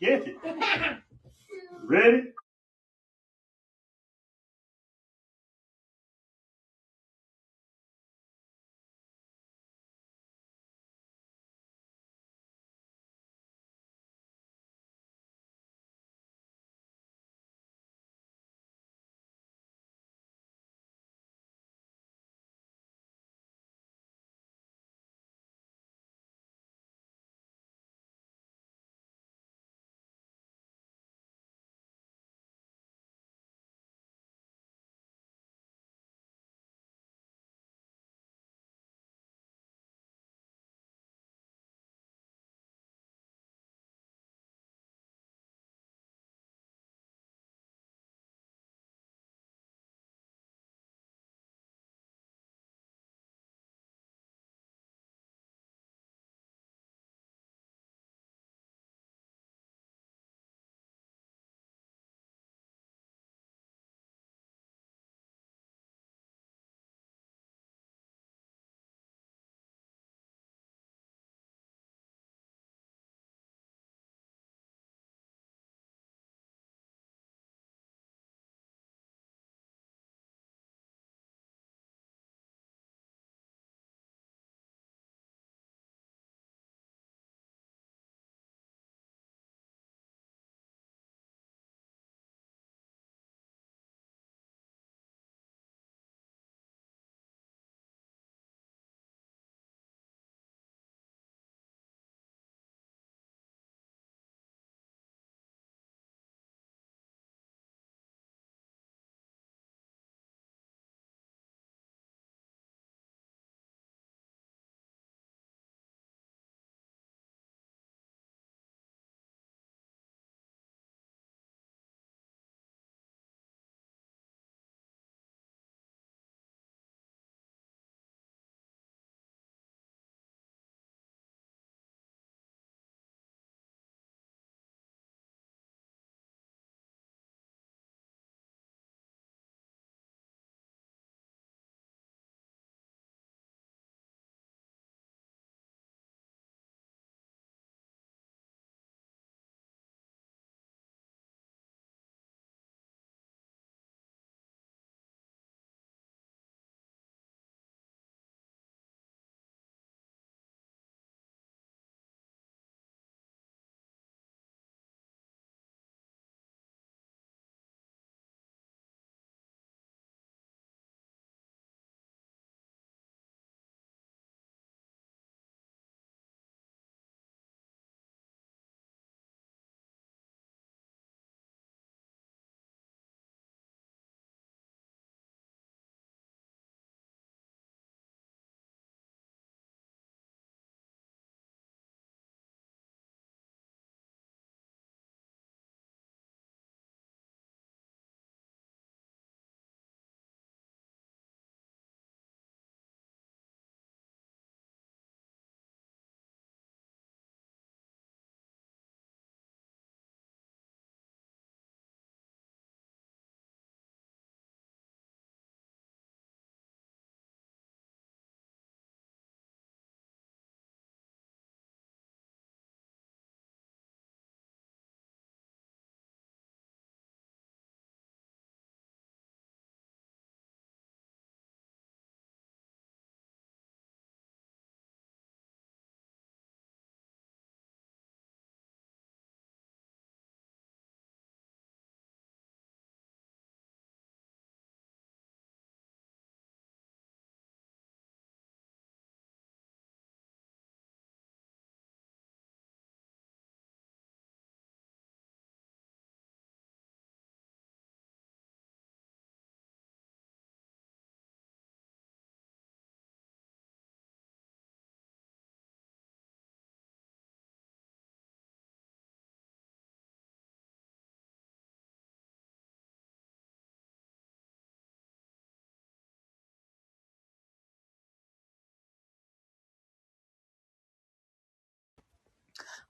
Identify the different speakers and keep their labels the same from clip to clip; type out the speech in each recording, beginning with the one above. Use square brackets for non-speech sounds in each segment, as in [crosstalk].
Speaker 1: Get it. Ready?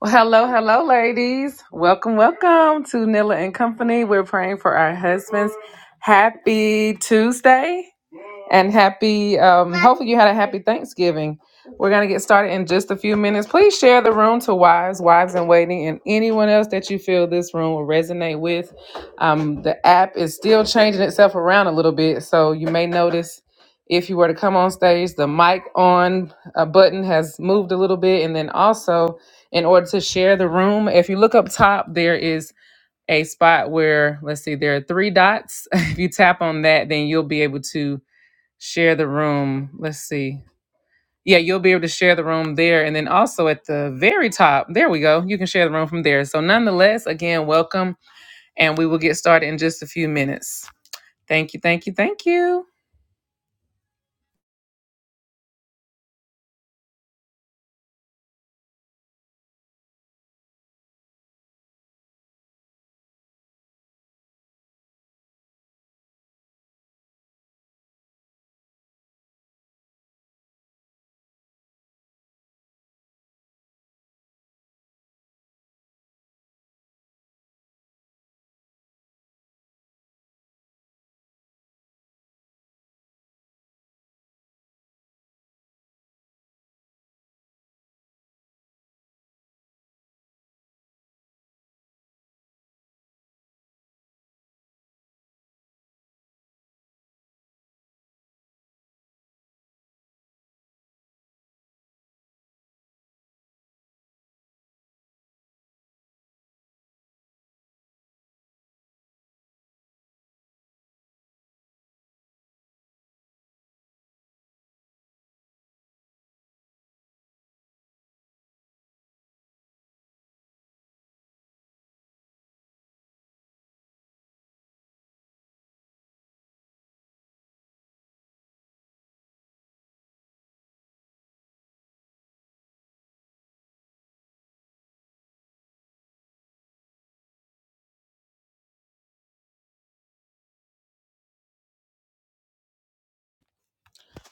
Speaker 1: Well, hello, hello, ladies. Welcome, welcome to Nilla and Company. We're praying for our husbands. Happy Tuesday. and happy um hopefully you had a happy thanksgiving we're going to get started in just a few minutes please share the room to wives wives in waiting and anyone else that you feel this room will resonate with um the app is still changing itself around a little bit so you may notice if you were to come on stage the mic on a button has moved a little bit and then also in order to share the room if you look up top there is a spot where let's see there are three dots [laughs] if you tap on that then you'll be able to share the room. Let's see. Yeah, you'll be able to share the room there. And then also at the very top, there we go. You can share the room from there. So, nonetheless, again, welcome. And we will get started in just a few minutes. Thank you, thank you, thank you.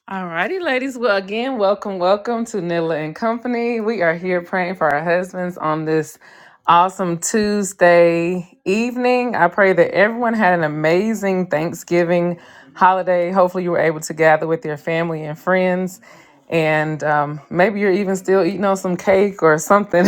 Speaker 1: All righty, ladies. Well, again, welcome, welcome to Nilla and Company. We are here praying for our husbands on this awesome Tuesday evening. I pray that everyone had an amazing Thanksgiving holiday. Hopefully, you were able to gather with your family and friends and um, maybe you're even still eating on some cake or something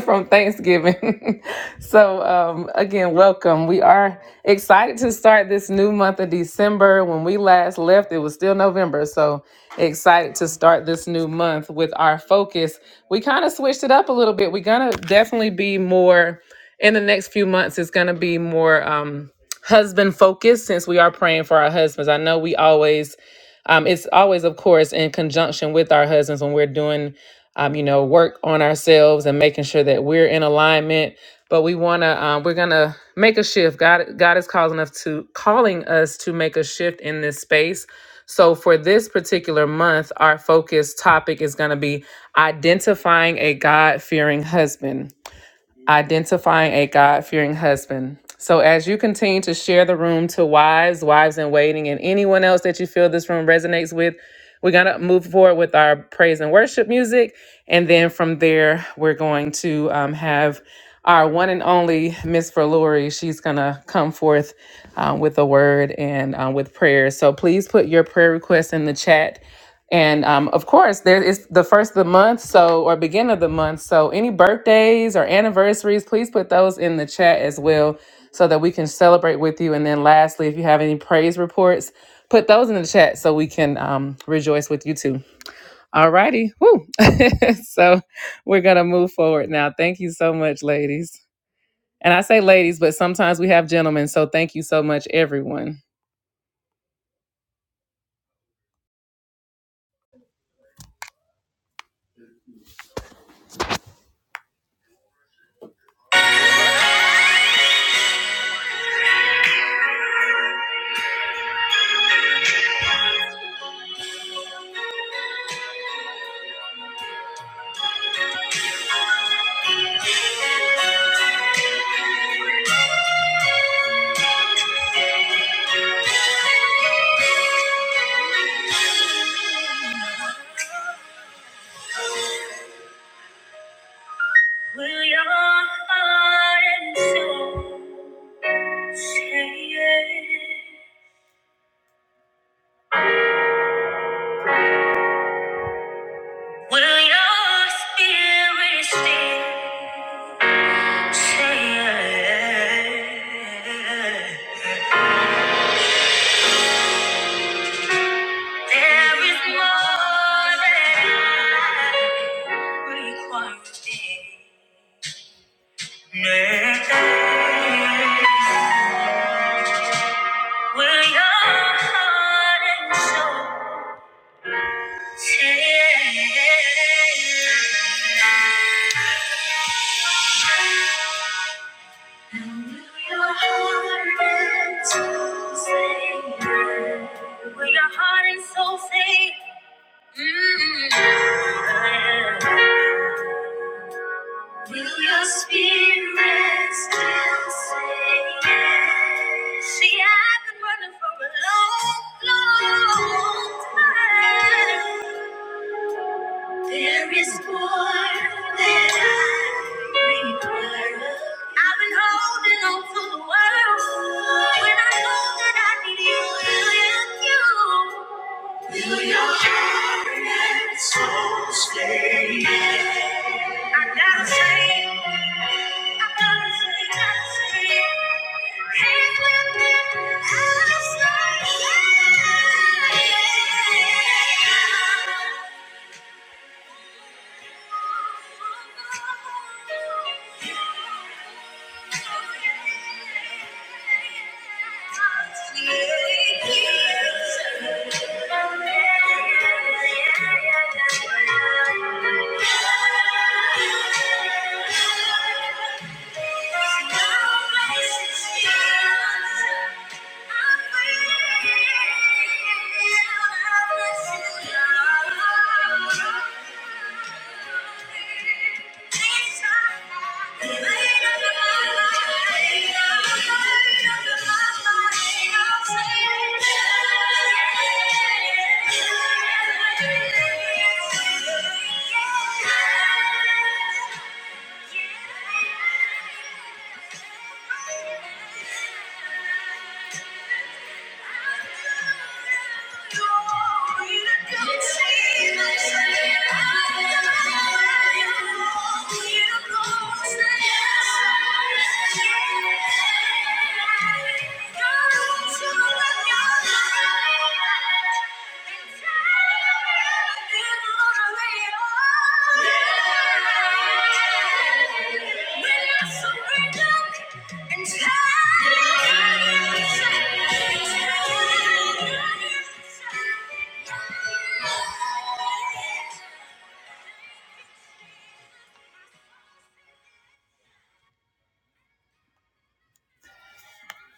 Speaker 1: [laughs] from Thanksgiving. [laughs] so, um, again, welcome. We are excited to start this new month of December. When we last left, it was still November. So, excited to start this new month with our focus. We kind of switched it up a little bit. We're going to definitely be more in the next few months, it's going to be more. Um, husband focused since we are praying for our husbands. I know we always um, it's always, of course, in conjunction with our husbands when we're doing, um, you know, work on ourselves and making sure that we're in alignment. But we want to, um, we're gonna make a shift. God, God is calling us to calling us to make a shift in this space. So for this particular month, our focus topic is going to be identifying a God fearing husband identifying a God fearing husband. So, as you continue to share the room to wives, wives in waiting, and anyone else that you feel this room resonates with, we're going to move forward with our praise and worship music. And then from there, we're going to um, have our one and only Miss Verluri. She's going to come forth uh, with a word and uh, with prayer. So, please put your prayer requests in the chat and um, of course, there is the first of the month, so or beginning of the month. So any birthdays or anniversaries, please put those in the chat as well, so that we can celebrate with you. And then lastly, if you have any praise reports, put those in the chat so we can um, rejoice with you too. All righty, woo! [laughs] so we're gonna move forward now. Thank you so much, ladies. And I say ladies, but sometimes we have gentlemen. So thank you so much, everyone. Will your heart and soul say yes? Will your spirit still say yes? There is more that I require today. Next day, will your heart and soul say? Will your heart and soul say? Will your heart and soul say? mm Do your spirit still say yes? See, I've been running for a long, long time. There is more that I require. I've been holding on to the world when I know that I need you, you, you. Will your heart and soul stay? I gotta say, I gotta say, gotta say, he's with me. I say, yeah. Thank you. Yeah. Thank you.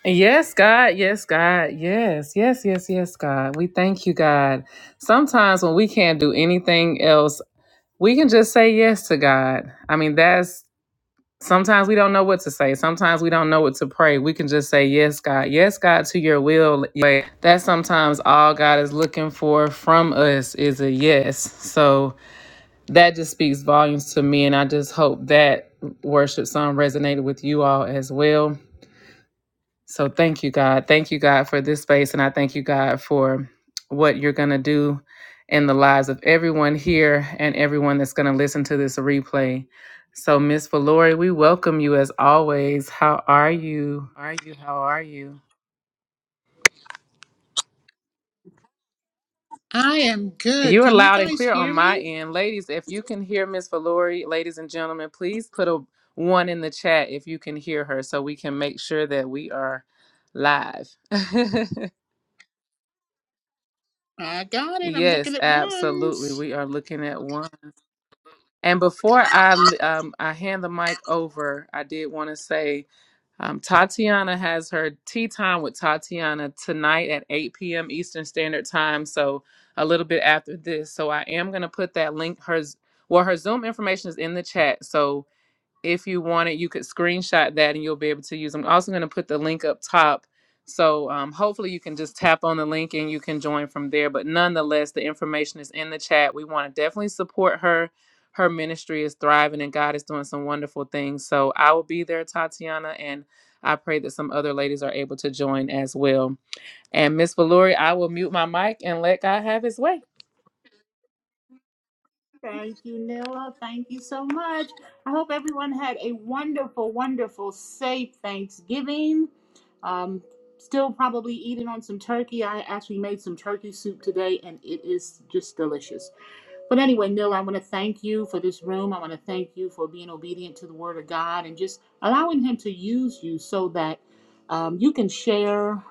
Speaker 1: Yes, God. Yes, God. Yes, yes, yes, yes, God. We thank you, God. Sometimes when we can't do anything else, we can just say yes to God. I mean, that's Sometimes we don't know what to say. Sometimes we don't know what to pray. We can just say, Yes, God. Yes, God, to your will. But that's sometimes all God is looking for from us is a yes. So that just speaks volumes to me. And I just hope that worship song resonated with you all as well. So thank you, God. Thank you, God, for this space. And I thank you, God, for what you're going to do in the lives of everyone here and everyone that's going to listen to this replay. So, Miss Valori, we welcome you as always. How are you? Are you? How are you?
Speaker 2: I am good.
Speaker 1: You are
Speaker 2: Can you
Speaker 1: loud and
Speaker 2: guys
Speaker 1: clear on
Speaker 2: hear
Speaker 1: my
Speaker 2: me?
Speaker 1: end. Ladies, if you can hear Miss Valori, ladies and gentlemen, please put a one in the chat if you can hear her so we can make sure that we are live. [laughs]
Speaker 2: I got it. I'm
Speaker 1: Yes,
Speaker 2: looking at
Speaker 1: absolutely.
Speaker 2: ones.
Speaker 1: We are looking at one. And before I l- um, I hand the mic over, I did want to say um, Tatiana has her tea time with Tatiana tonight at 8 p.m. Eastern Standard Time. So a little bit after this. So I am going to put that link. Her z- well, her Zoom information is in the chat. So if you wanted, you could screenshot that and you'll be able to use them. I'm also going to put the link up top. So um, hopefully you can just tap on the link and you can join from there. But nonetheless, the information is in the chat. We want to definitely support her. Her ministry is thriving and God is doing some wonderful things. So I will be there, Tatiana, and I pray that some other ladies are able to join as well. And Miss Valori, I will mute my mic and let God have his way.
Speaker 2: Thank you, Nilla. Thank you so much. I hope everyone had a wonderful, wonderful, safe Thanksgiving. Um, still probably eating on some turkey. I actually made some turkey soup today, and it is just delicious. But anyway, Neil, I want to thank you for this room. I want to thank you for being obedient to the word of God and just allowing Him to use you so that um, you can share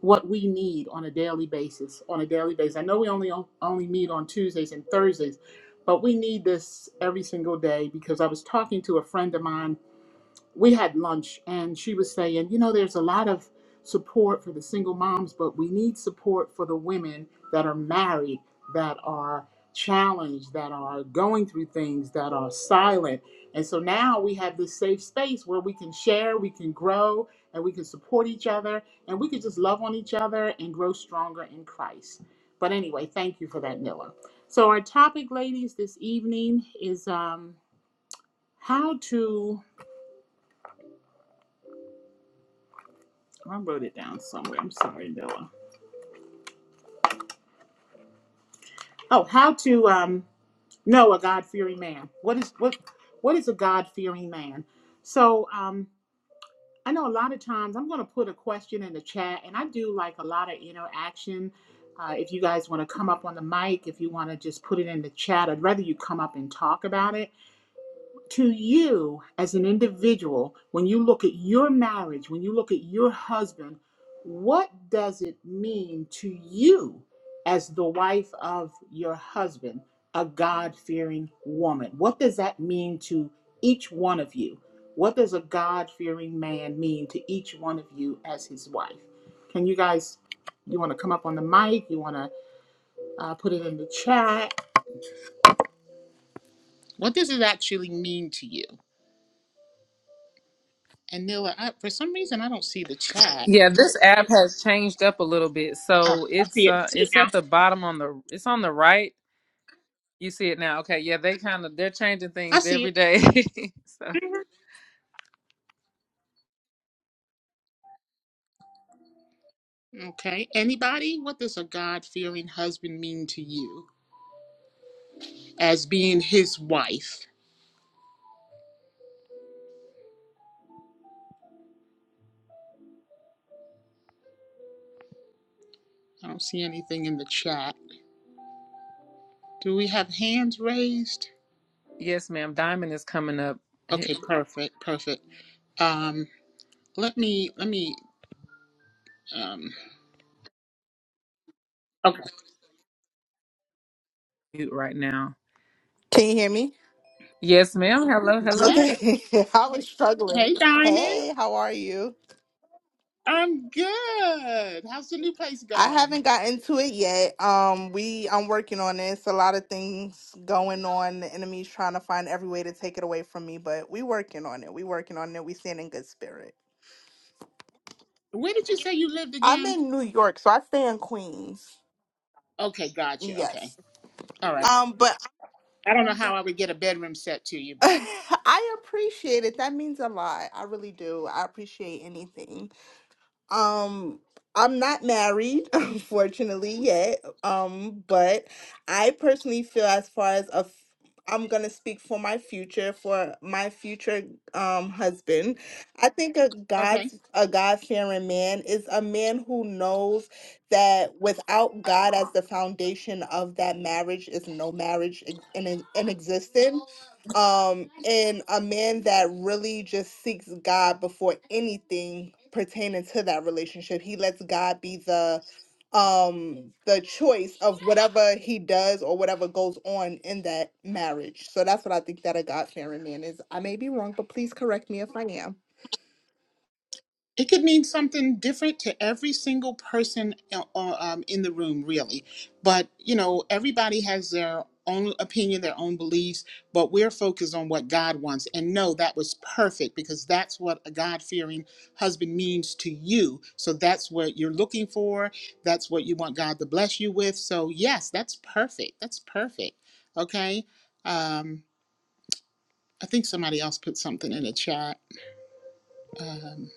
Speaker 2: what we need on a daily basis. On a daily basis, I know we only only meet on Tuesdays and Thursdays, but we need this every single day because I was talking to a friend of mine we had lunch and she was saying, you know, there's a lot of support for the single moms, but we need support for the women that are married, that are challenged, that are going through things, that are silent. And so now we have this safe space where we can share, we can grow, and we can support each other, and we can just love on each other and grow stronger in Christ. But anyway, thank you for that, Nilla. So our topic, ladies, this evening is um, how to I wrote it down somewhere. I'm sorry, Noah. Oh, how to um, know a God fearing man. What is what what is a God fearing man? So um, I know a lot of times I'm going to put a question in the chat, and I do like a lot of interaction. Uh, if you guys want to come up on the mic, if you want to just put it in the chat, I'd rather you come up and talk about it. to you as an individual, when you look at your marriage, when you look at your husband, what does it mean to you as the wife of your husband, a God fearing woman? What does that mean to each one of you? What does a God fearing man mean to each one of you as his wife? Can you guys, you want to come up on the mic? You want to uh, put it in the chat? What does it actually mean to you? And Nila, I, for some reason, I don't see the chat.
Speaker 1: Yeah, this app has changed up a little bit.
Speaker 2: Oh,
Speaker 1: So
Speaker 2: I
Speaker 1: it's
Speaker 2: see it. I
Speaker 1: uh
Speaker 2: see it
Speaker 1: it's
Speaker 2: now.
Speaker 1: at the bottom on the it's on the right. You see it now. Okay, yeah, they kind of they're changing
Speaker 2: I
Speaker 1: things
Speaker 2: see
Speaker 1: every
Speaker 2: it.
Speaker 1: day. [laughs] so
Speaker 2: Mhm. Okay. Anybody? What does a God fearing husband mean to you as being his wife? I don't see anything in the chat. Do we have hands raised?
Speaker 1: yes, ma'am. Diamond is coming up
Speaker 2: Okay.
Speaker 1: hit
Speaker 2: Perfect. Perfect. Um, let me, let me, um, okay.
Speaker 1: mute right now.
Speaker 3: Can you hear me?
Speaker 1: Yes, ma'am. Hello, hello.
Speaker 2: Yeah.
Speaker 3: Okay. [laughs] I was struggling.
Speaker 2: Hey, Diamond.
Speaker 3: Hey, how are you?
Speaker 2: I'm good. How's the new place
Speaker 3: I
Speaker 2: going?
Speaker 3: haven't gotten to it yet. Um, we I'm working on this. A lot of things going on. The enemy's trying to find every way to take it away from me, but we working on it. We working on it. We staying in good spirit.
Speaker 2: Where did you say you lived
Speaker 3: I'm
Speaker 2: again?
Speaker 3: in New York, so I stay in Queens.
Speaker 2: Okay. Gotcha. Okay.
Speaker 3: Yes.
Speaker 2: All right.
Speaker 3: Um, but
Speaker 2: I don't know how I would get a bedroom set to you,
Speaker 3: [laughs]
Speaker 2: but
Speaker 3: I appreciate it. That means a lot. I really do. I appreciate anything. Um, I'm not married, [laughs] unfortunately, yet. Um, but I personally feel as far as a f- I'm gonna speak for my future, for my future um husband. I think a
Speaker 2: okay.
Speaker 3: God's a God-fearing man is a man who knows that without God as the foundation of that marriage is no marriage ex- in in existence um and a man that really just seeks god before anything pertaining to that relationship he lets god be the um the choice of whatever he does or whatever goes on in that marriage so that's what i think that a god-fearing man is i may be wrong but please correct me if i am
Speaker 2: It could mean something different to every single person uh, uh, um, in the room, really. But, you know, everybody has their own opinion, their own beliefs, but we're focused on what God wants. And no, that was perfect because that's what a God fearing husband means to you. So that's what you're looking for. That's what you want God to bless you with. So, yes, that's perfect. That's perfect. Okay. Um, I think somebody else put something in the chat. um,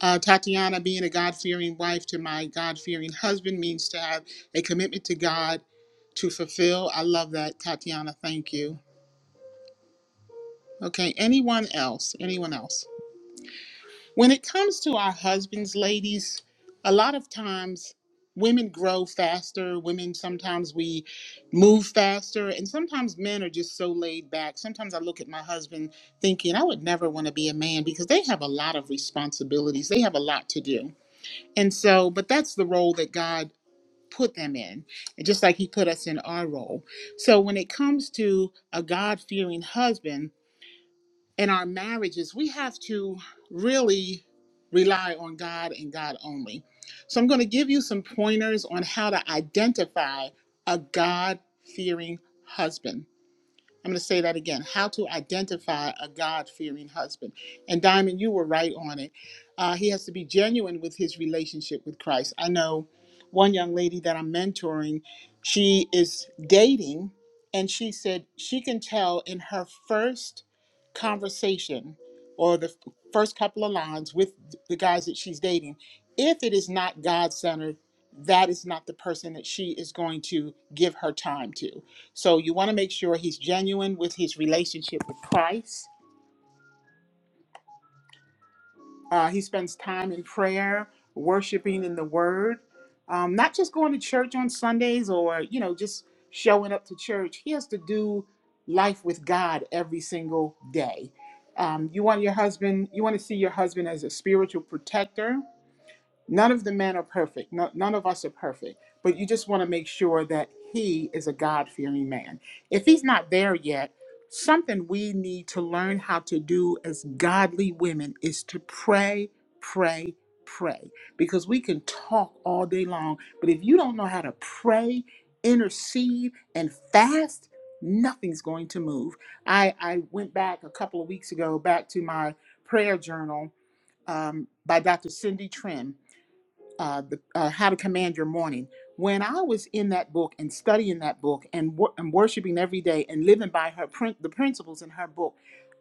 Speaker 2: uh, Tatiana, being a God fearing wife to my God fearing husband means to have a commitment to God to fulfill. I love that, Tatiana. Thank you. Okay, anyone else? Anyone else? When it comes to our husbands, ladies, a lot of times women grow faster. Women sometimes we move faster, and sometimes men are just so laid back. Sometimes I look at my husband thinking I would never want to be a man because they have a lot of responsibilities, they have a lot to do. And so, but that's the role that God put them in, and just like He put us in our role. So, when it comes to a God fearing husband in our marriages, we have to really rely on God and God only. So, I'm going to give you some pointers on how to identify a God fearing husband. I'm going to say that again how to identify a God fearing husband. And Diamond, you were right on it. Uh, he has to be genuine with his relationship with Christ. I know one young lady that I'm mentoring, she is dating, and she said she can tell in her first conversation or the f- first couple of lines with the guys that she's dating, if it is not God centered, that is not the person that she is going to give her time to. So you want to make sure he's genuine with his relationship with Christ. Uh, he spends time in prayer, worshiping in the Word, um, not just going to church on Sundays or you know just showing up to church. He has to do life with God every single day. Um, you want your husband. You want to see your husband as a spiritual protector None of the men are perfect. No, none of us are perfect. But you just want to make sure that he is a God fearing man. If he's not there yet, something we need to learn how to do as godly women is to pray, pray, pray. Because we can talk all day long, but if you don't know how to pray, intercede, and fast, nothing's going to move. I, I went back a couple of weeks ago back to my prayer journal um, by Dr. Cindy Trim uh, the, uh, How to Command Your Morning. When I was in that book and studying that book and, wor- and worshiping every day and living by her prin- the principles in her book,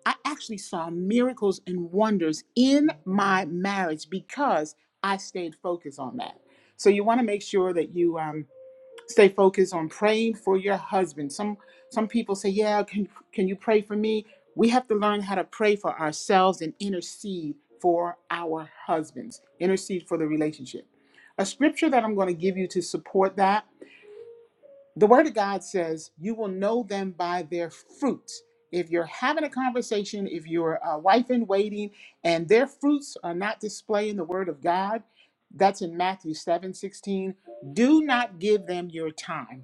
Speaker 2: I actually saw miracles and wonders in my marriage because I stayed focused on that. So you want to make sure that you um, stay focused on praying for your husband. Some some people say, "Yeah, can can you pray for me?" We have to learn how to pray for ourselves and intercede for our husbands. Intercede for the relationship. A scripture that I'm going to give you to support that. The word of God says, "You will know them by their fruits." If you're having a conversation, if you're a wife in waiting, and their fruits are not displaying the word of God, that's in Matthew 7 16. Do not give them your time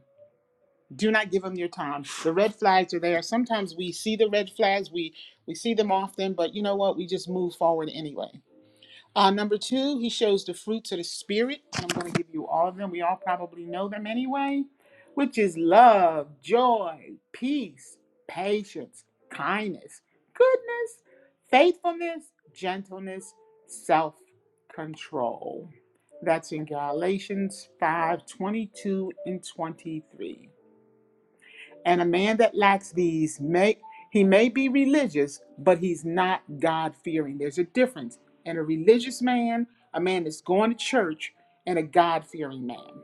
Speaker 2: do not give them your time the red flags are there sometimes we see the red flags we we see them often but you know what we just move forward anyway uh, number two he shows the fruits of the spirit and i'm going to give you all of them we all probably know them anyway which is love joy peace patience kindness goodness faithfulness gentleness self-control that's in galatians 5 22 and 23 and a man that lacks these may he may be religious, but he's not God fearing. There's a difference. And a religious man, a man that's going to church, and a God fearing man.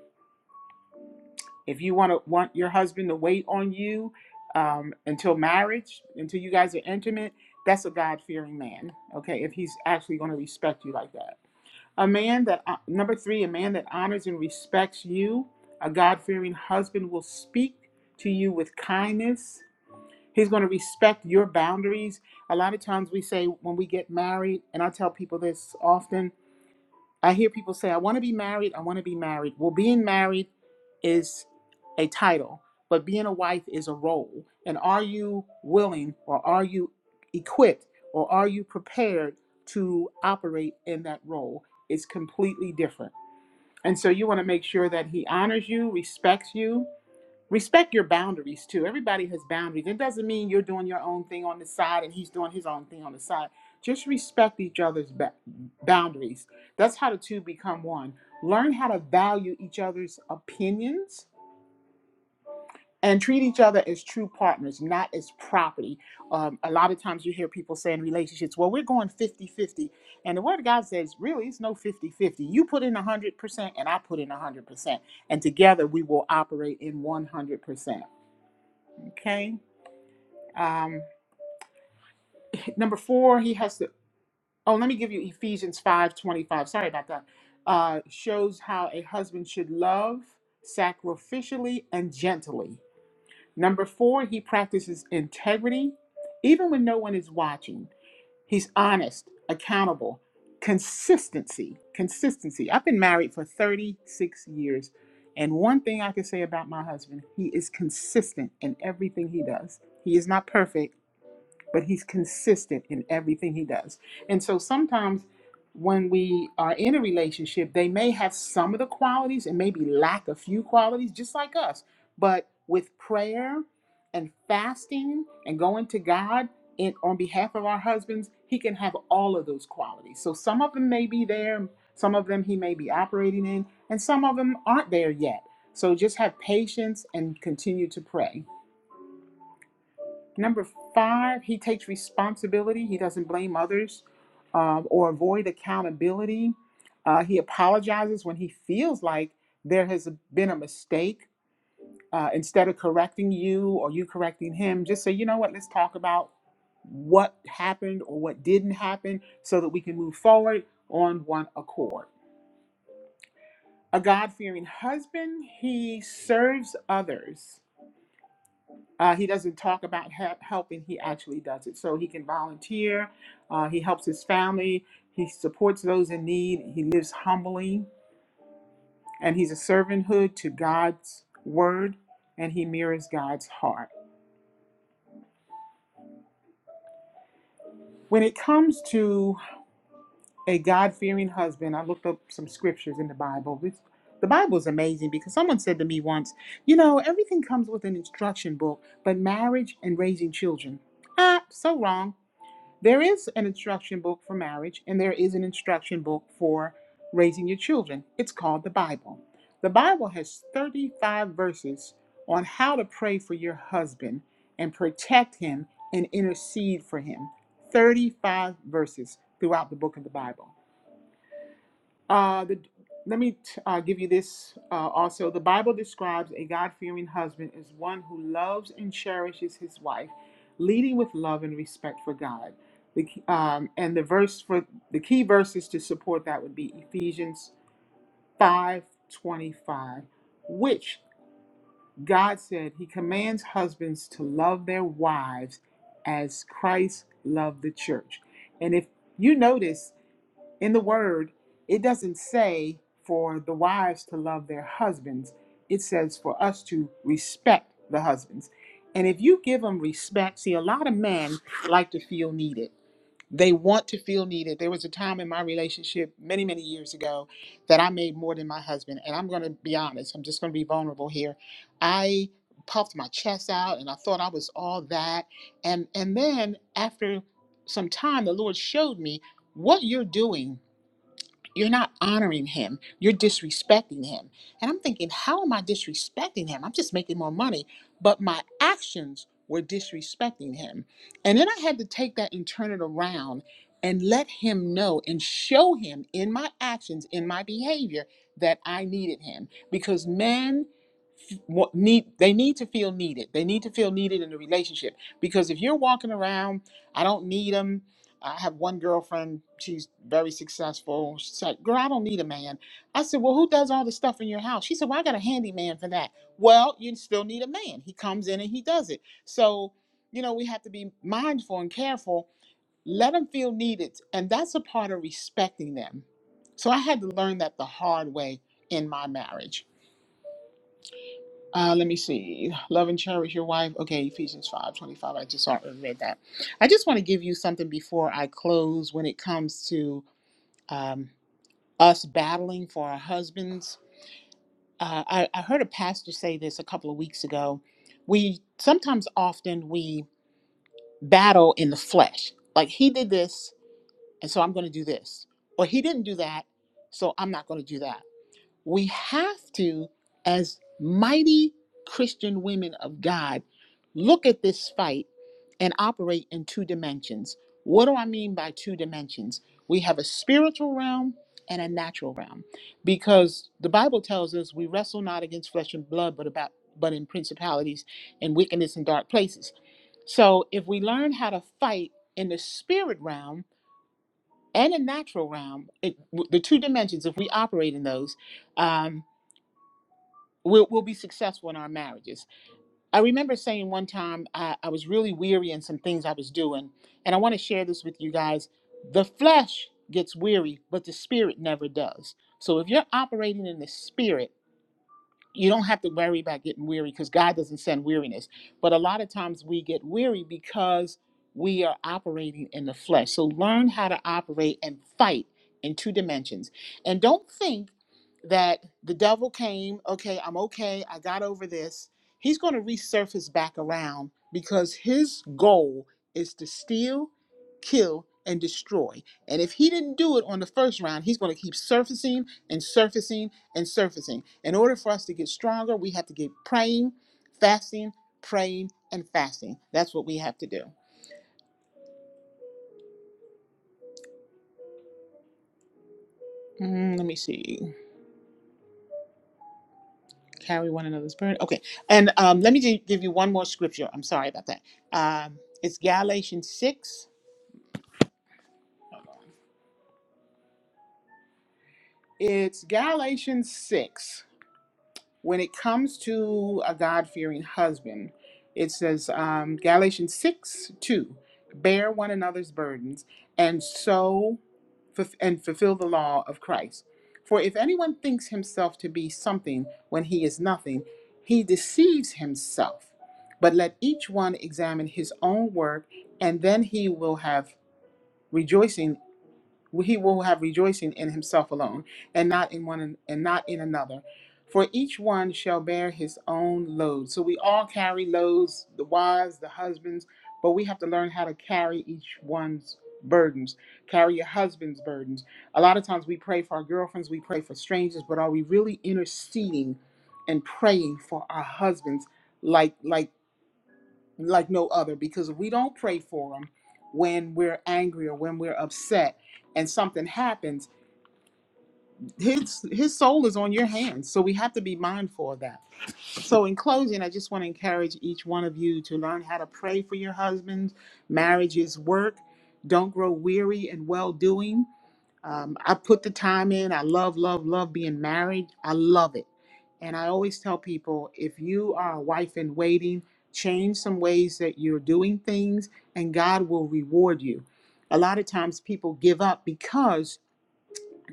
Speaker 2: If you want to want your husband to wait on you um, until marriage, until you guys are intimate, that's a God fearing man. Okay, if he's actually going to respect you like that. A man that uh, number three, a man that honors and respects you, a God fearing husband will speak to you with kindness He's going to respect your boundaries. A lot of times we say when we get married, and I tell people this often, I hear people say, I want to be married, I want to be married. Well, being married is a title, but being a wife is a role. And are you willing or are you equipped or are you prepared to operate in that role? It's completely different. And so you want to make sure that he honors you, respects you, respect your boundaries too. Everybody has boundaries. It doesn't mean you're doing your own thing on the side and he's doing his own thing on the side. Just respect each other's ba- boundaries. That's how the two become one. Learn how to value each other's opinions and treat each other as true partners, not as property. Um, a lot of times you hear people say in relationships, well, we're going 50 50. And the word of God says, really, it's no 50 50. You put in 100% and I put in 100%. And together we will operate in 100%. Okay? Um, number four, he has the. Oh, let me give you Ephesians five twenty five. Sorry about that. Uh, shows how a husband should love sacrificially and gently. Number four, he practices integrity, even when no one is watching. He's honest, accountable, consistency. Consistency. I've been married for thirty six years, and one thing I can say about my husband, he is consistent in everything he does. He is not perfect but he's consistent in everything he does. And so sometimes when we are in a relationship, they may have some of the qualities and maybe lack a few qualities, just like us. But with prayer and fasting and going to God in, on behalf of our husbands, he can have all of those qualities. So some of them may be there, some of them he may be operating in, and some of them aren't there yet. So just have patience and continue to pray. Number five, he takes responsibility. He doesn't blame others um, or avoid accountability. Uh, he apologizes when he feels like there has been a mistake. Uh, instead of correcting you or you correcting him, just say, you know what, let's talk about what happened or what didn't happen so that we can move forward on one accord. A God fearing husband, he serves others. Uh, he doesn't talk about ha- helping, he actually does it. So he can volunteer, uh, he helps his family, he supports those in need, he lives humbly, and he's a servanthood to God's word, and he mirrors God's heart. When it comes to a God fearing husband, I looked up some scriptures in the Bible. This, the Bible is amazing because someone said to me once, You know, everything comes with an instruction book, but marriage and raising children. Ah, so wrong. There is an instruction book for marriage, and there is an instruction book for raising your children. It's called the Bible. The Bible has 35 verses on how to pray for your husband and protect him and intercede for him. 35 verses throughout the book of the Bible. Uh, the, let me t- uh, give you this uh, also. The Bible describes a God fearing husband as one who loves and cherishes his wife, leading with love and respect for God. The, key- um, and the verse for the key verses to support that would be Ephesians five twenty five, which God said He commands husbands to love their wives as Christ loved the church. And if you notice, in the word, it doesn't say for the wives to love their husbands. It says for us to respect the husbands. And if you give them respect, see, a lot of men like to feel needed. They want to feel needed. There was a time in my relationship many, many years ago that I made more than my husband. And I'm going to be honest, I'm just going to be vulnerable here. I puffed my chest out and I thought I was all that. And, and then after some time, the Lord showed me what you're doing you're not honoring him. You're disrespecting him. And I'm thinking, how am I disrespecting him? I'm just making more money. But my actions were disrespecting him. And then I had to take that and turn it around and let him know and show him in my actions, in my behavior, that I needed him. Because men f- wa- need they need to feel needed. They need to feel needed in the relationship. Because if you're walking around, I don't need him. I have one girlfriend, she's very successful. She's like, Girl, I don't need a man. I said, Well, who does all the stuff in your house? She said, Well, I got a handyman for that. Well, you still need a man. He comes in and he does it. So, you know, we have to be mindful and careful. Let them feel needed. And that's a part of respecting them. So I had to learn that the hard way in my marriage uh, let me see. Love and cherish your wife. Okay, Ephesians five twenty five. I just already read that. I just want to give you something before I close when it comes to um, us battling for our husbands. Uh, I, I heard a pastor say this a couple of weeks ago. We sometimes often we battle in the flesh. Like he did this, and so I'm going to do this. Or he didn't do that, so I'm not going to do that. we have to, as mighty Christian women of God, look at this fight and operate in two dimensions. What do I mean by two dimensions? We have a spiritual realm and a natural realm because the Bible tells us we wrestle not against flesh and blood but about but in principalities and wickedness in dark places. So if we learn how to fight in the spirit realm and the natural realm, it, the two dimensions, if we operate in those, um, we'll, we'll be successful in our marriages. I remember saying one time I, I was really weary in some things I was doing, and I want to share this with you guys. The flesh gets weary, but the spirit never does. So if you're operating in the spirit, you don't have to worry about getting weary because God doesn't send weariness. But a lot of times we get weary because we are operating in the flesh. So learn how to operate and fight in two dimensions. And don't think that the devil came, okay, I'm okay, I got over this. He's going to resurface back around because his goal is to steal, kill, and destroy. And if he didn't do it on the first round, he's going to keep surfacing and surfacing and surfacing. In order for us to get stronger, we have to get praying, fasting, praying, and fasting. That's what we have to do. Mm, let me see. Carry one another's burden. Okay. And um, let me gi- give you one more scripture. I'm sorry about that. Um, it's Galatians 6. It's Galatians 6. when it comes to a God fearing husband, it says um, Galatians 6 2 bear one another's burdens and so and fulfill the law of Christ. For if anyone thinks himself to be something when he is nothing, he deceives himself. But let each one examine his own work, and then he will have rejoicing he will have rejoicing in himself alone and not in one and not in another for each one shall bear his own load so we all carry loads the wives the husbands but we have to learn how to carry each one's burdens carry your husband's burdens a lot of times we pray for our girlfriends we pray for strangers but are we really interceding and praying for our husbands like like like no other because we don't pray for him when we're angry or when we're upset and something happens his his soul is on your hands so we have to be mindful of that so in closing i just want to encourage each one of you to learn how to pray for your husbands marriages work don't grow weary in well doing um, I put the time in. I love, love, love being married. I love it. And I always tell people if you are a wife in waiting, change some ways that you're doing things, and God will reward you. A lot of times people give up because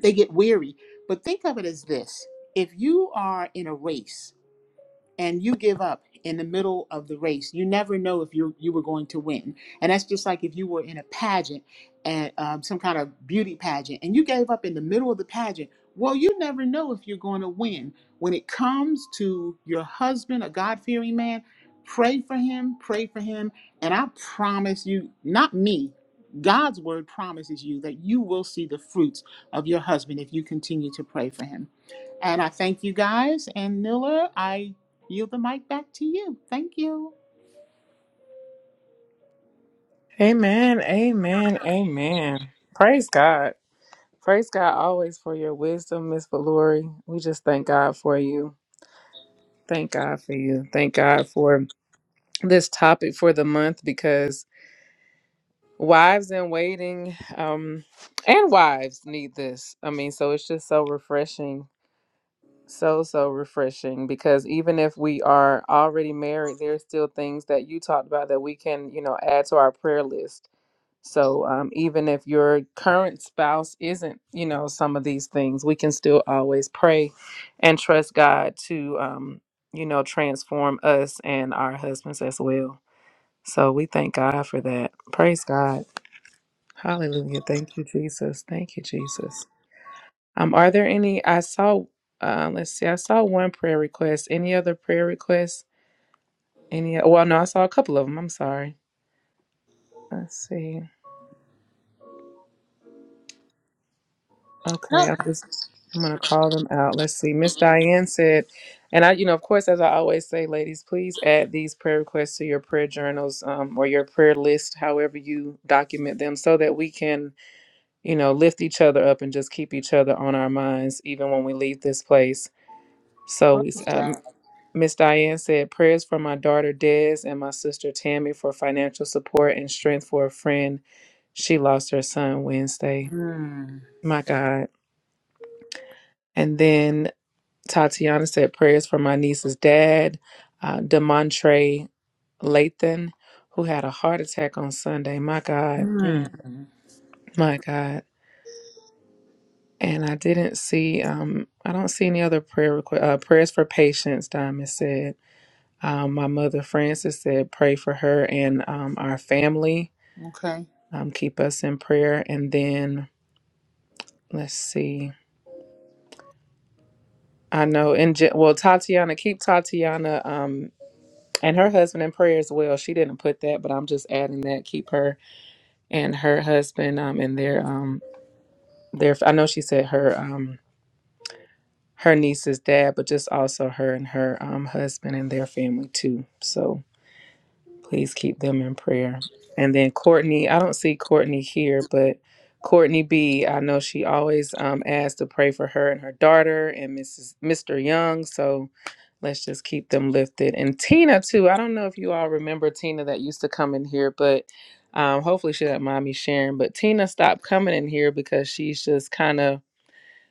Speaker 2: they get weary. But think of it as this if you are in a race and you give up in the middle of the race, you never know if you you were going to win. And that's just like if you were in a pageant and um, some kind of beauty pageant, and you gave up in the middle of the pageant. Well, you never know if you're going to win. When it comes to your husband, a God fearing man, pray for him, pray for him. And I promise you, not me, God's word promises you that you will see the fruits of your husband if you continue to pray for him. And I thank you guys. And Nilla, I Yield the mic back to you. Thank you.
Speaker 1: Amen. Amen. Amen. Praise God. Praise God always for your wisdom, Miss Valori. We just thank God for you. Thank God for you. Thank God for this topic for the month because wives in waiting um and wives need this i mean so it's just so refreshing so so refreshing because even if we are already married there's still things that you talked about that we can you know add to our prayer list so um, even if your current spouse isn't you know some of these things we can still always pray and trust god to um, you know transform us and our husbands as well so we thank god for that praise god Hallelujah. Thank you, Jesus. Thank you, Jesus. Um, are there any? I saw. Uh, let's see. I saw one prayer request. Any other prayer requests? Any? Well, no, I saw a couple of them. I'm sorry. Let's see. Okay,
Speaker 2: Oh,
Speaker 1: I'm just. I'm gonna call them out. Let's see. Miss Diane said, and I, you know, of course, as I always say, ladies, please add these prayer requests to your prayer journals um, or your prayer list, however you document them, so that we can, you know, lift each other up and just keep each other on our minds, even when we leave this place. So it's,
Speaker 2: praise
Speaker 1: um,
Speaker 2: God.
Speaker 1: Miss Diane said prayers for my daughter Des and my sister Tammy for financial support and strength for a friend. She lost her son Wednesday.
Speaker 2: Hmm.
Speaker 1: My God. And then Tatiana said prayers for my niece's dad, uh, Demontre Lathan, who had a heart attack on Sunday. My God.
Speaker 2: Hmm.
Speaker 1: Mm. my God. And I didn't see. Um, I don't see any other prayer requ- uh, prayers for patience. Diamond said. Um, my mother Frances said, pray for her and um, our family.
Speaker 2: Okay.
Speaker 1: Um, keep us in prayer. And then let's see. I know. And Je- well, Tatiana, keep Tatiana um, and her husband in prayer as well. She didn't put that, but I'm just adding that. Keep her and her husband um, and their um, their. I know she said her um, her niece's dad, but just also her and her um, husband and their family too. So Please keep them in prayer. And then Courtney, I don't see Courtney here, but Courtney B, I know she always um, asks to pray for her and her daughter and Mrs. Mr. Young. So let's just keep them lifted. And Tina too. I don't know if you all remember Tina that used to come in here, but um, hopefully she doesn't mind me sharing. But Tina stopped coming in here because she's just kind of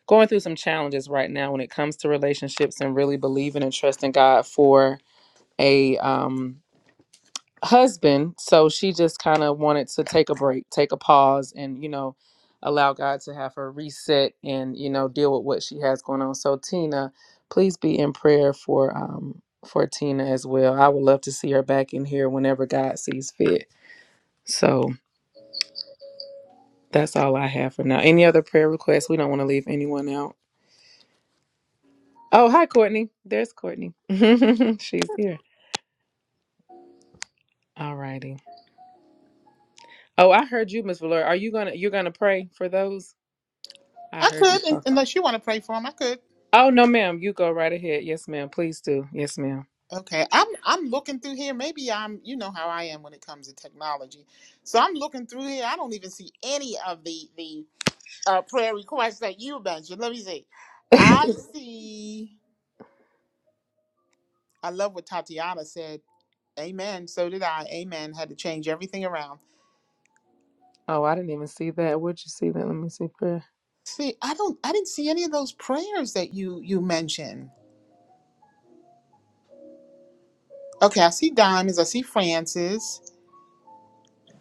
Speaker 1: going through some challenges right now when it comes to relationships and really believing and trusting God for a um husband so she just kind of wanted to take a break take a pause and you know allow god to have her reset and you know deal with what she has going on so tina please be in prayer for um for tina as well i would love to see her back in here whenever god sees fit so that's all i have for now any other prayer requests we don't want to leave anyone out oh hi courtney there's courtney [laughs] she's here all righty oh i heard you miss valera are you gonna you're gonna pray for those i
Speaker 2: I
Speaker 1: heard you
Speaker 2: could,
Speaker 1: talking
Speaker 2: un- unless you want to pray for him. I could.
Speaker 1: Oh no, ma'am. You go right ahead. Yes, ma'am. Please do. Yes, ma'am.
Speaker 2: Okay. I'm I'm looking through here. Maybe I'm. You know how I am when it comes to technology. So I'm looking through here. I don't even see any of the the uh, prayer requests that you mentioned. Let me see. I see. I love what Tatiana said. Amen. So did I. Amen. Had to change everything around.
Speaker 1: Oh, I didn't even see that. Where'd you see that? Let me see. Prayer.
Speaker 2: See, I don't. I didn't see any of those prayers that you you mentioned. Okay, I see Diamonds. I see Francis.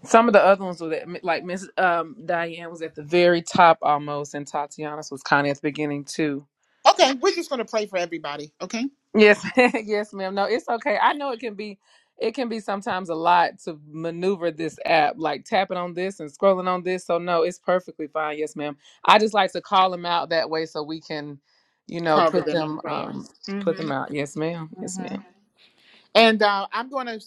Speaker 1: Some of the other ones were that, like Miss um, Diane was at the very top almost, and Tatiana's was kind of at the beginning too.
Speaker 2: Okay, we're just going to pray for everybody, okay?
Speaker 1: Yes, [laughs] yes, ma'am. No, it's okay. I know it can be, it can be sometimes a lot to maneuver this app, like tapping on this and scrolling on this. So no, it's perfectly fine. Yes, ma'am. I just like to call them out that way so we can, you know,
Speaker 2: Cover
Speaker 1: put
Speaker 2: them in
Speaker 1: them,
Speaker 2: prayer.
Speaker 1: um, put
Speaker 2: hmm
Speaker 1: them out. Yes, ma'am. Yes, ma'am.
Speaker 2: And uh, I'm going to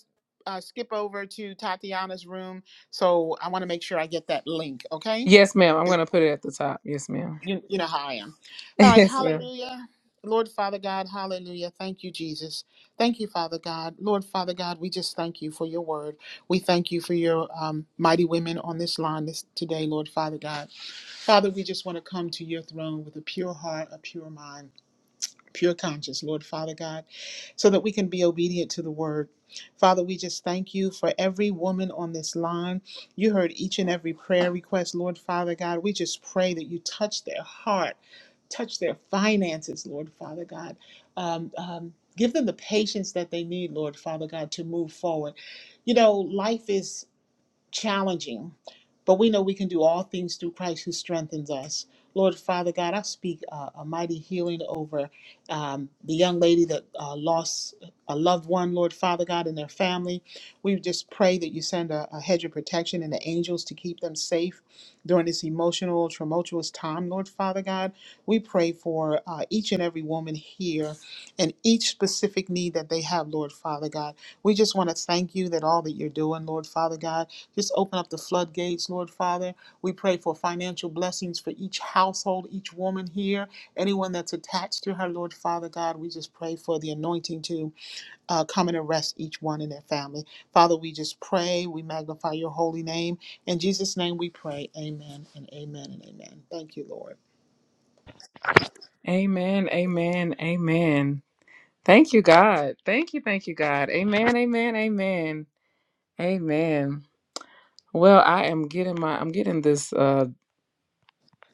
Speaker 2: uh, skip over to Tatiana's room, so I want to make sure I get that link, okay?
Speaker 1: Yes, ma'am. I'm going to put it at the top. Yes, ma'am. [laughs]
Speaker 2: You, you know how I am. All right,
Speaker 1: Yes, ma'am.
Speaker 2: hallelujah. Lord Father God, hallelujah. Thank you, Jesus. Thank you, Father God. Lord Father God, we just thank you for your word. We thank you for your um, mighty women on this line this, today, Lord Father God. Father, we just want to come to your throne with a pure heart, a pure mind pure conscience, Lord Father God, so that we can be obedient to the word. Father, we just thank you for every woman on this line. You heard each and every prayer request, Lord Father God. We just pray that you touch their heart, touch their finances, Lord Father God. Um, um, give them the patience that they need, Lord Father God, to move forward. You know, life is challenging. But we know we can do all things through Christ who strengthens us. Lord Father God, I speak uh, a mighty healing over um, the young lady that uh, lost a loved one, Lord Father God, and their family. We just pray that you send a, a hedge of protection and the angels to keep them safe during this emotional, tumultuous time, Lord Father God. We pray for uh, each and every woman here and each specific need that they have, Lord Father God. We just want to thank you that all that you're doing, Lord Father God, just open up the floodgates, Lord Father. We pray for financial blessings for each household, each woman here, anyone that's attached to her, Lord Father God. We just pray for the anointing to uh, come and arrest each one in their family. Father, we just pray, we magnify your holy name. In Jesus' name we pray, amen and amen and amen. Thank you, Lord.
Speaker 1: Amen. Amen. Amen. Thank you, God. Thank you. Thank you, God. Amen. Amen. Amen. Amen. Well, I am getting my I'm getting this uh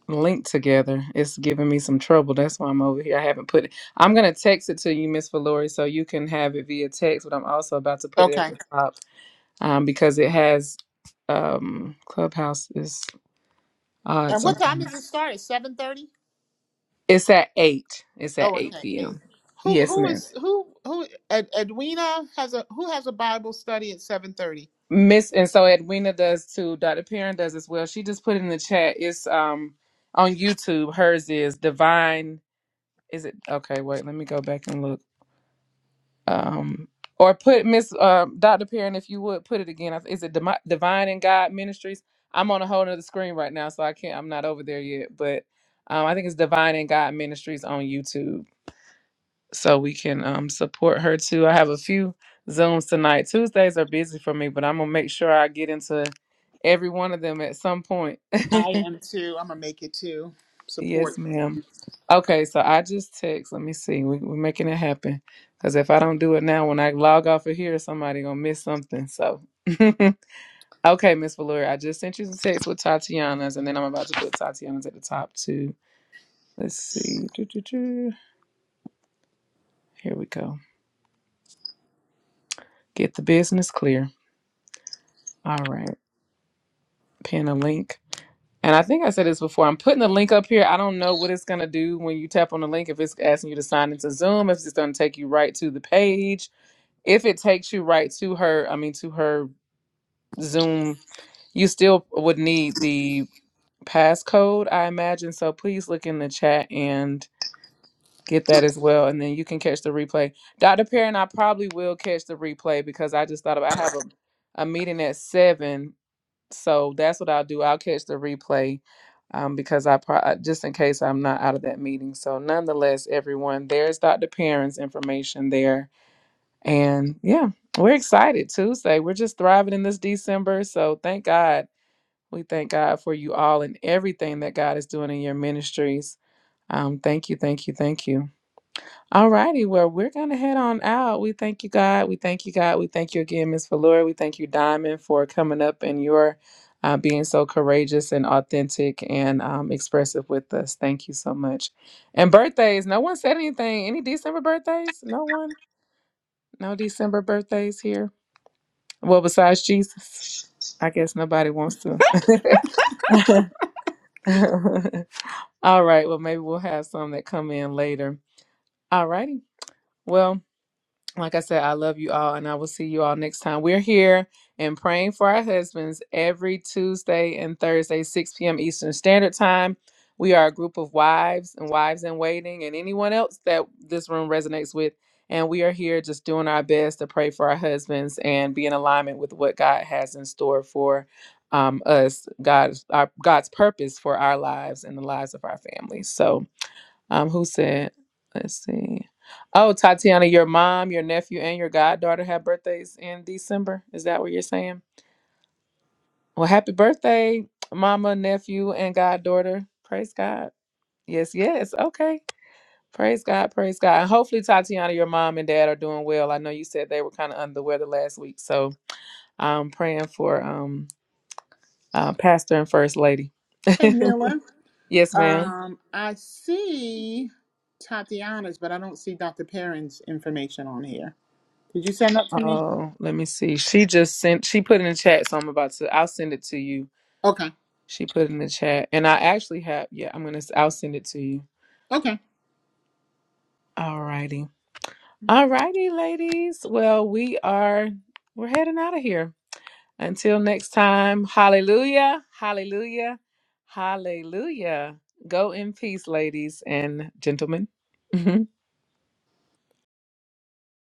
Speaker 1: link together. It's giving me some trouble. That's why I'm over here. I haven't put it. I'm gonna text it to you, Miss Valori, so you can have it via text, but I'm also about to put it at
Speaker 2: Okay.
Speaker 1: the top um because it has um Clubhouse is odd
Speaker 2: And what time
Speaker 1: sometimes.
Speaker 2: does it start? At 7.30?
Speaker 1: It's at eight. It's at
Speaker 2: Oh,
Speaker 1: eight
Speaker 2: okay, eight.
Speaker 1: p.m.
Speaker 2: Who
Speaker 1: Yes,
Speaker 2: who
Speaker 1: ma'am.
Speaker 2: is who who Ed, Edwina has a who has a Bible study at seven thirty?
Speaker 1: Miss and so Edwina does too. Dr. Perrin does as well. She just put in the chat. It's um on YouTube. Hers is Divine. Is it okay? Wait, let me go back and look. Um, or put Miss uh Dr. Perrin if you would put it again. Is it Demi- Divine and God Ministries? I'm on a whole nother screen right now, so I can't. I'm not over there yet, but um, I think it's Divine and God Ministries on YouTube. so we can um, support her too. I have a few Zooms tonight. Tuesdays are busy for me, but I'm gonna make sure I get into every one of them at some point.
Speaker 2: I am too. I'm gonna make it too.
Speaker 1: [laughs] yes,
Speaker 2: Support.
Speaker 1: ma'am. Okay, so I just text. Let me see. We, we're making it happen. Cause if I don't do it now, when I log off of here, somebody gonna miss something. So, [laughs] okay, Miss Valori, I just sent you the text with Tatiana's, and then I'm about to put Tatiana's at the top too. Let's see. Doo, doo, doo. Here we go. Get the business clear. All right. pin a link. And I think I said this before. I'm putting the link up here. I don't know what it's going to do when you tap on the link, if it's asking you to sign into Zoom, if it's going to take you right to the page. If it takes you right to her, I mean, to her Zoom, you still would need the passcode, I imagine. So please look in the chat and get that as well. And then you can catch the replay. Dr. Perrin, I probably will catch the replay because I just thought about, I have a, a meeting at 7 so that's what I'll do. I'll catch the replay um, because I pro- just in case I'm not out of that meeting. So nonetheless, everyone, there's Dr. Perrin's information there, and yeah, we're excited Tuesday. We're just thriving in this December. So thank God. We thank God for you all and everything that God is doing in your ministries. Um, thank you, thank you, thank you. All righty. Well, we're going to head on out. We thank you, God. We thank you, God. We thank you again, Miss Valora. We thank you, Diamond, for coming up and your uh, being so courageous and authentic and um, expressive with us. Thank you so much. And birthdays. No one said anything. Any December birthdays? No one? No December birthdays here? Well, besides Jesus. I guess nobody wants to. [laughs] All right. Well, maybe we'll have some that come in later. All righty. Well, like I said, I love you all, and I will see you all next time. We're here and praying for our husbands every Tuesday and Thursday, 6 p.m. Eastern Standard Time. We are a group of wives and wives in waiting, and anyone else that this room resonates with. And we are here just doing our best to pray for our husbands and be in alignment with what God has in store for um, us, God's, our, God's purpose for our lives and the lives of our families. So, um, who said? Let's see. Oh, Tatiana, your mom, your nephew, and your goddaughter have birthdays in December. Is that what you're saying? Well, happy birthday, mama, nephew, and goddaughter. Praise God. Yes, yes. Okay. Praise God. Praise God. And hopefully, Tatiana, your mom and dad are doing well. I know you said they were kind of under the weather last week, so I'm praying for um uh, pastor and first lady. [laughs]
Speaker 2: Hey Nilla.
Speaker 1: yes, ma'am.
Speaker 2: Um, I see Tatiana's, but I don't see Dr. Perrin's information on here. Did you send that to me?
Speaker 1: Oh, let me see. She just sent. She put in the chat, so I'm about to. I'll send it to you
Speaker 2: Okay.
Speaker 1: She put in the chat, and I actually have. Yeah, I'm gonna. I'll send it to you.
Speaker 2: Okay.
Speaker 1: All righty, all righty, ladies. Well, we are. We're heading out of here. Until next time. Hallelujah. Hallelujah. Hallelujah. Go in peace, ladies and gentlemen. [laughs]